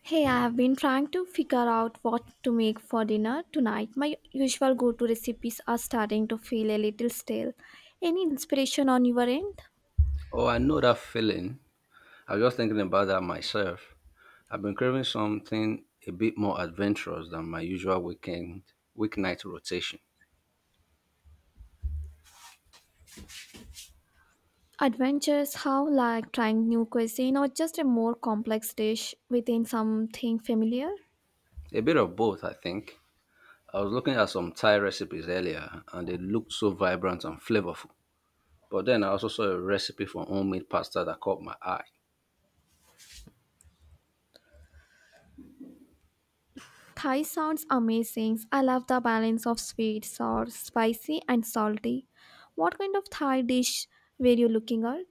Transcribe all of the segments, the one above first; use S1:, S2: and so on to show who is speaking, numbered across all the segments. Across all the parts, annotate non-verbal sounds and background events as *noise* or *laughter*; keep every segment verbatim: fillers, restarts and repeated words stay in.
S1: Hey, I have been trying to figure out what to make for dinner tonight. My usual go to recipes are starting to feel a little stale. Any inspiration on your end?
S2: Oh, I know that feeling. I was just thinking about that myself. I've been craving something a bit more adventurous than my usual weekend weeknight rotation.
S1: Adventures, how like trying new cuisine or just a more complex dish within something familiar?
S2: A bit of both, I think. I was looking at some Thai recipes earlier and they looked so vibrant and flavorful. But then I also saw a recipe for homemade pasta that caught my eye.
S1: Thai sounds amazing. I love the balance of sweet, sour, spicy, and salty. What kind of Thai dish were you looking at?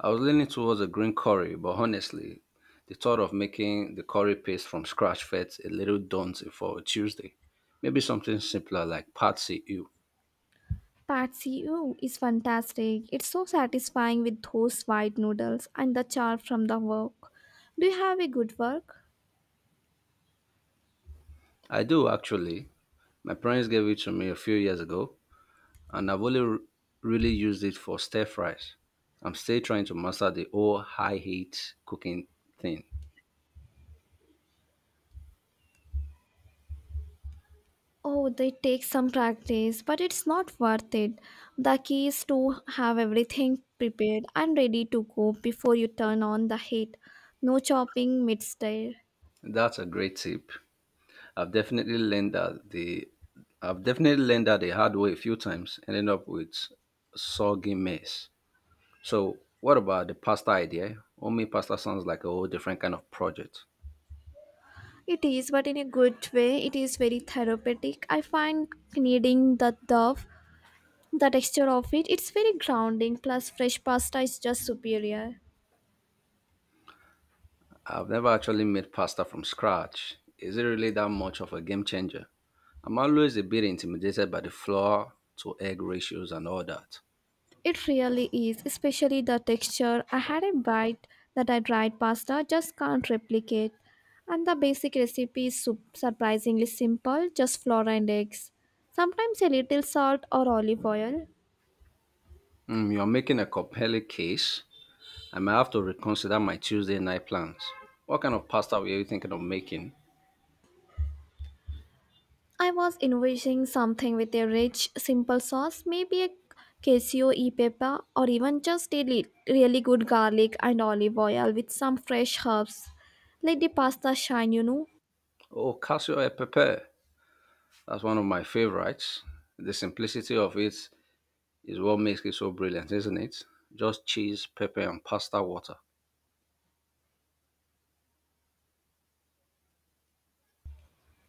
S2: I was leaning towards a green curry, but honestly, the thought of making the curry paste from scratch felt a little daunting for a Tuesday. Maybe something simpler like Patsy Ew.
S1: Patsy, oh, is fantastic. It's so satisfying with those white noodles and the char from the wok. Do you have a good work?
S2: I do actually. My parents gave it to me a few years ago, and I've only r- really used it for stir fries. I'm still trying to master the whole high heat cooking thing.
S1: Oh, they take some practice, but it's not worth it. The key is to have everything prepared and ready to go before you turn on the heat. No chopping mid-stir.
S2: That's a great tip. I've definitely learned that the I've definitely learned that the hard way a few times, ending up with soggy mess. So, what about the pasta idea? Homemade pasta sounds like a whole different kind of project.
S1: It is, but in a good way, it is very therapeutic. I find kneading the dough, the texture of it, it's very grounding, plus fresh pasta is just superior.
S2: I've never actually made pasta from scratch. Is it really that much of a game changer? I'm always a bit intimidated by the flour to egg ratios and all that.
S1: It really is, especially the texture. I had a bite that I dried pasta just can't replicate. And the basic recipe is sup- surprisingly simple, just flour and eggs. Sometimes a little salt or olive oil.
S2: Mm, you're making a compelling case. I may have to reconsider my Tuesday night plans. What kind of pasta were you thinking of making?
S1: I was envisioning something with a rich, simple sauce, maybe a cashew e pepper, or even just a li- really good garlic and olive oil with some fresh herbs. Let the pasta shine, you know.
S2: Oh, cassio e pepe. That's one of my favorites. The simplicity of it is what makes it so brilliant, isn't it? Just cheese, pepper, and pasta water.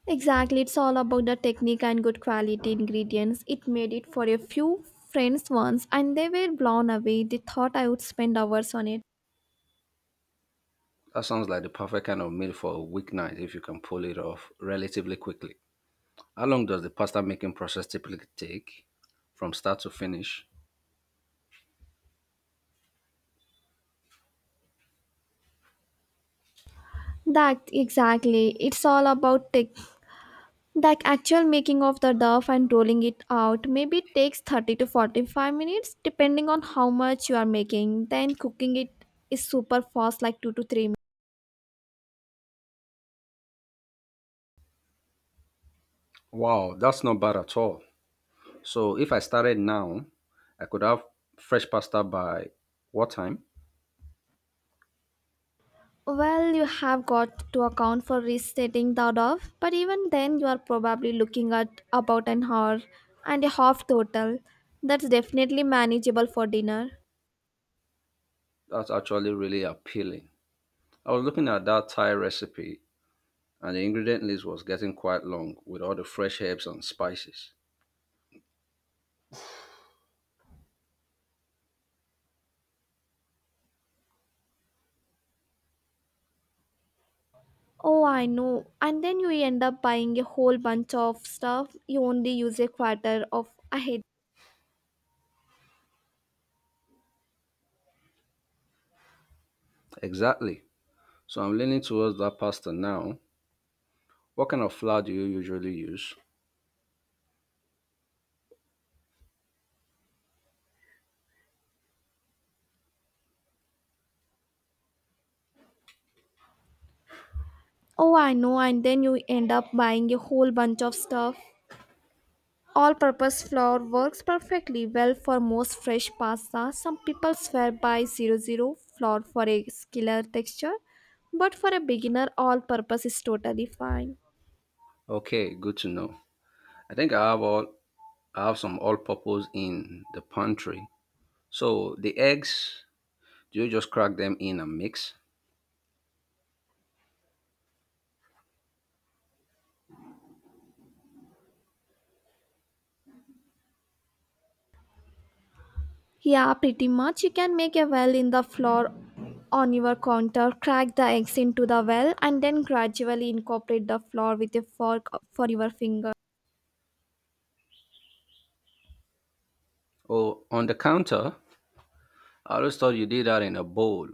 S1: Exactly, it's all about the technique and good quality ingredients. It made it for a few friends once and they were blown away. They thought I would spend hours on it.
S2: That sounds like the perfect kind of meal for a weeknight if you can pull it off relatively quickly. How long does the pasta making process typically take from start to finish?
S1: That exactly. It's all about tech. The actual making of the dough and rolling it out maybe takes thirty to forty-five minutes depending on how much you are making. Then cooking it is super fast like two to three minutes.
S2: Wow, that's not bad at all. So if I started now, I could have fresh pasta by what time?
S1: Well, you have got to account for resetting that off, but even then, you are probably looking at about an hour and a half total. That's definitely manageable for dinner.
S2: That's actually really appealing. I was looking at that Thai recipe and the ingredient list was getting quite long with all the fresh herbs and spices.
S1: Oh, I know. And then you end up buying a whole bunch of stuff. You only use a quarter of a head.
S2: Exactly. So I'm leaning towards that pasta now. What kind of flour do you usually use?
S1: Oh, I know. And then you end up buying a whole bunch of stuff. All-purpose flour works perfectly well for most fresh pasta. Some people swear by 00 zero flour for a killer texture, but for a beginner, all-purpose is totally fine.
S2: Okay, good to know. I think I have all I have some all-purpose in the pantry. So the eggs, do you just crack them in and mix?
S1: Yeah, pretty much. You can make a well in the flour on your counter, crack the eggs into the well, and then gradually incorporate the flour with a fork for your finger.
S2: Or on the counter, I always thought you did that in a bowl.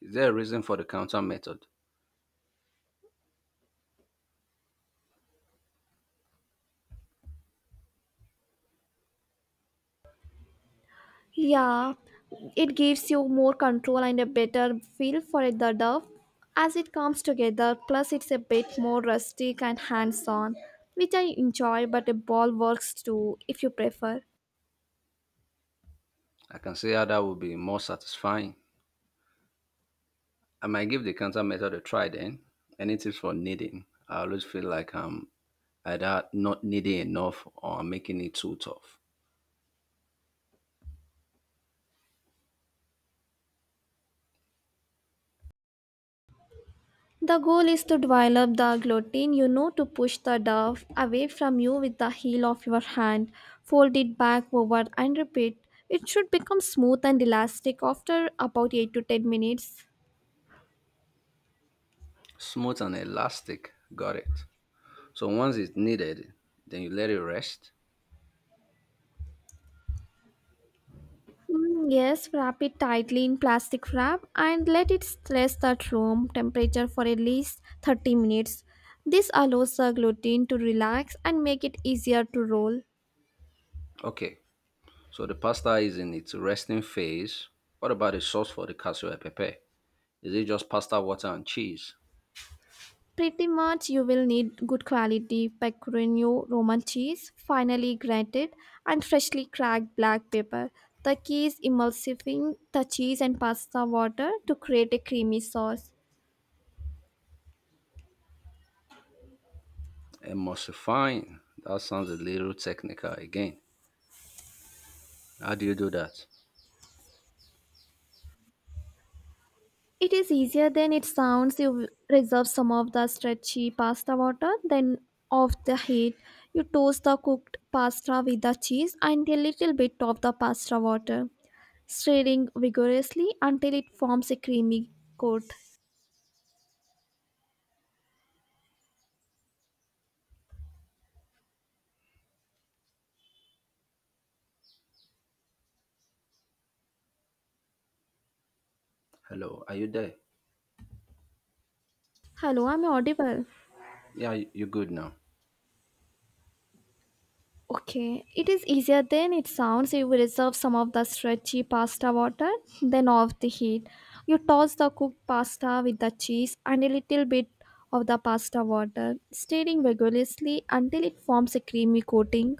S2: Is there a reason for the counter method?
S1: Yeah, it gives you more control and a better feel for it, the dove as it comes together. Plus, it's a bit more rustic and hands on, which I enjoy, but a ball works too if you prefer.
S2: I can see how that would be more satisfying. I might give the counter method a try then. Any tips for kneading? I always feel like I'm either not kneading enough or I'm making it too tough.
S1: The goal is to develop the gluten, you know, to push the dove away from you with the heel of your hand. Fold it back over and repeat. It should become smooth and elastic after about eight to ten minutes.
S2: Smooth and elastic, got it. So once it's kneaded, then you let it rest.
S1: Mm, yes, wrap it tightly in plastic wrap and let it rest at room temperature for at least thirty minutes. This allows the gluten to relax and make it easier to roll.
S2: Okay. So the pasta is in its resting phase. What about the sauce for the cassoulet pepe? Is it just pasta, water, and cheese?
S1: Pretty much you will need good quality pecorino Roman cheese, finely grated and freshly cracked black pepper. The key is emulsifying the cheese and pasta water to create a creamy sauce.
S2: Emulsifying. That sounds a little technical again. How do you do that?
S1: It is easier than it sounds. You reserve some of the stretchy pasta water, then off the heat. You toast the cooked pasta with the cheese and a little bit of the pasta water, stirring vigorously until it forms a creamy coat.
S2: Hello, are you there?
S1: Hello, I'm audible.
S2: Yeah, you- you're good now.
S1: Okay, it is easier than it sounds. You reserve some of the stretchy pasta water, then off the heat. You toss the cooked pasta with the cheese and a little bit of the pasta water, stirring vigorously until it forms a creamy coating.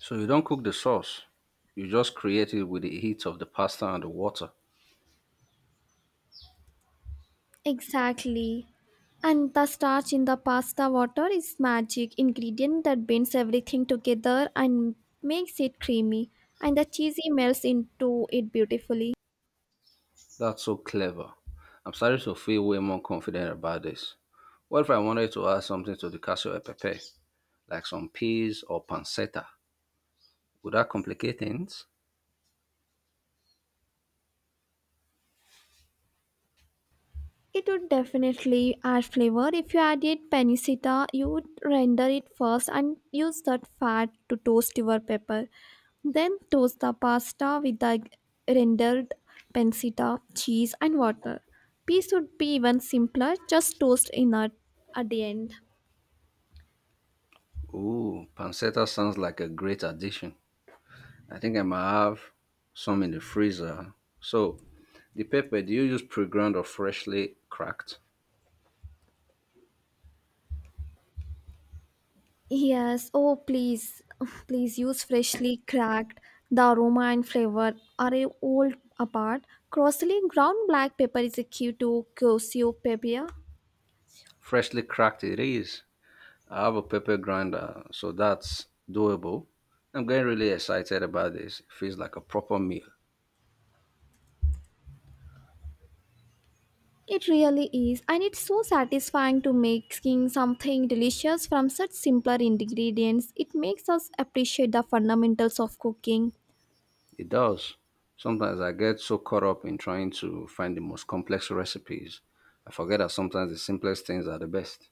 S2: So you don't cook the sauce. You just create it with the heat of the pasta and the water.
S1: Exactly. And the starch in the pasta water is magic ingredient that binds everything together and makes it creamy. And the cheesy melts into it beautifully.
S2: That's so clever. I'm starting to feel way more confident about this. What if I wanted to add something to the cassoulet pepe, like some peas or pancetta? Would that complicate things?
S1: It would definitely add flavor. If you added panicita, you would render it first and use that fat to toast your pepper. Then toast the pasta with the rendered pancetta, cheese, and water. Peas would be even simpler, just toast in at, at the end.
S2: Ooh, pancetta sounds like a great addition. I think I might have some in the freezer. So, the pepper, do you use pre ground or freshly cracked?
S1: Yes, oh please, *sighs* please use freshly cracked. The aroma and flavor are all apart. Crossly ground black pepper is a key to Kosio pepper.
S2: Freshly cracked it is. I have a pepper grinder, so that's doable. I'm getting really excited about this. It feels like a proper meal.
S1: It really is, and it's so satisfying to making something delicious from such simpler ingredients. It makes us appreciate the fundamentals of cooking.
S2: It does. Sometimes I get so caught up in trying to find the most complex recipes, I forget that sometimes the simplest things are the best.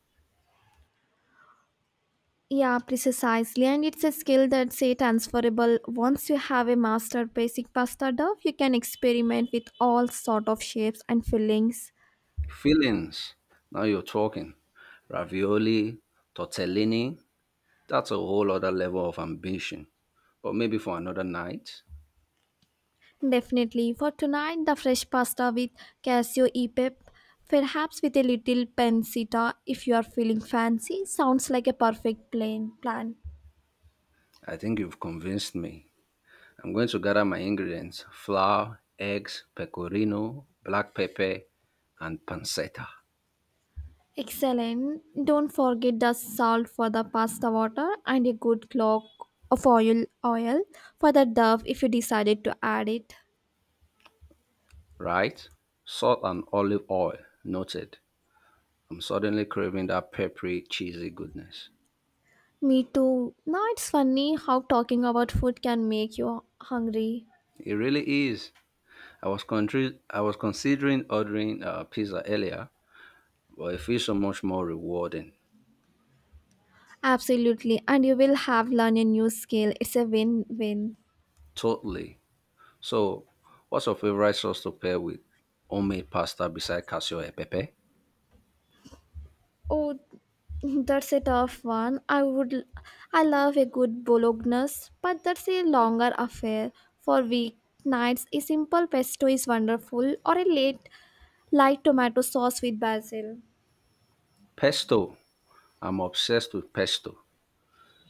S1: Yeah, precisely, and it's a skill that's say transferable. Once you have a master basic pasta dough, you can experiment with all sort of shapes and fillings.
S2: Feelings. Now you're talking. Ravioli, tortellini. That's a whole other level of ambition. But maybe for another night.
S1: Definitely, for tonight, the fresh pasta with cashew e-pep, perhaps with a little pancetta if you are feeling fancy, sounds like a perfect plain plan.
S2: I think you've convinced me. I'm going to gather my ingredients: flour, eggs, pecorino, black pepper, and pancetta.
S1: Excellent. Don't forget the salt for the pasta water and a good clock of oil oil for the dove if you decided to add it.
S2: Right? Salt and olive oil. Noted. I'm suddenly craving that peppery, cheesy goodness.
S1: Me too. Now it's funny how talking about food can make you hungry.
S2: It really is. I was, contri- I was considering ordering uh, pizza earlier, but it feels so much more rewarding.
S1: Absolutely. And you will have learned a new skill. It's a win-win.
S2: Totally. So, what's your favorite sauce to pair with homemade pasta beside cashew e pepe?
S1: Oh, that's a tough one. I would I love a good bolognese, but that's a longer affair for weeknights. A simple pesto is wonderful or a late light tomato sauce with basil.
S2: Pesto. I'm obsessed with pesto.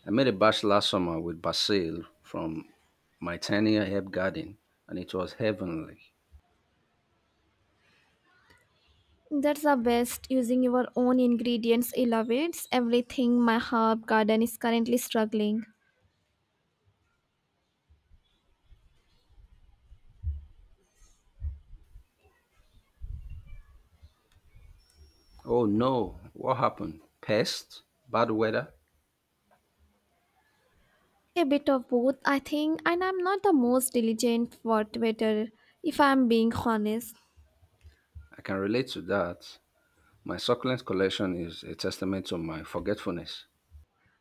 S2: I made a batch last summer with basil from my tiny herb garden, and it was heavenly.
S1: That's the best using your own ingredients elevates everything my herb garden is currently struggling.
S2: Oh no, what happened? Pest? Bad weather?
S1: A bit of both, I think, and I'm not the most diligent water if I'm being honest.
S2: I can relate to that. My succulent collection is a testament to my forgetfulness.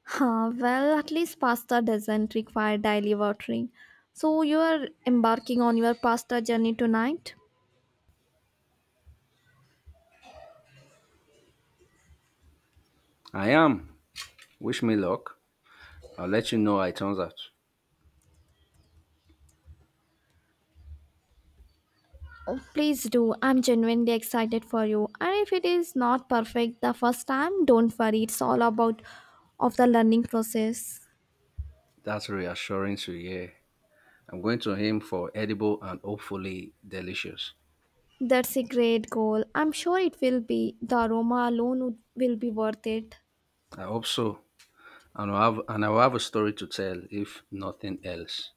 S1: Huh, well, at least pasta doesn't require daily watering. So you're embarking on your pasta journey tonight?
S2: I am. Wish me luck. I'll let you know how it turns out.
S1: Oh, please do. I'm genuinely excited for you. And if it is not perfect the first time, don't worry. It's all about of the learning process.
S2: That's reassuring to hear. I'm going to aim for edible and hopefully delicious.
S1: That's a great goal. I'm sure it will be. The aroma alone would- will be worth it.
S2: I hope so. And I'll have, and I'll have a story to tell, if nothing else.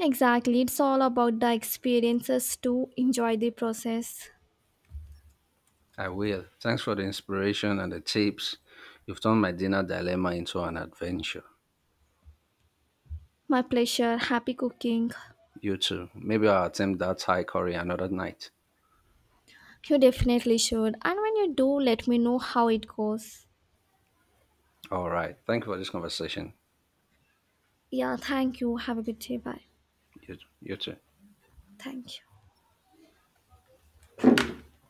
S1: Exactly. It's all about the experiences to enjoy the process.
S2: I will. Thanks for the inspiration and the tips. You've turned my dinner dilemma into an adventure.
S1: My pleasure. Happy cooking.
S2: You too. Maybe I'll attempt that Thai curry another night.
S1: You definitely should. And when you do, let me know how it goes.
S2: All right. Thank you for this conversation.
S1: Yeah, thank you. Have a good day. Bye.
S2: You, you too.
S1: Thank you.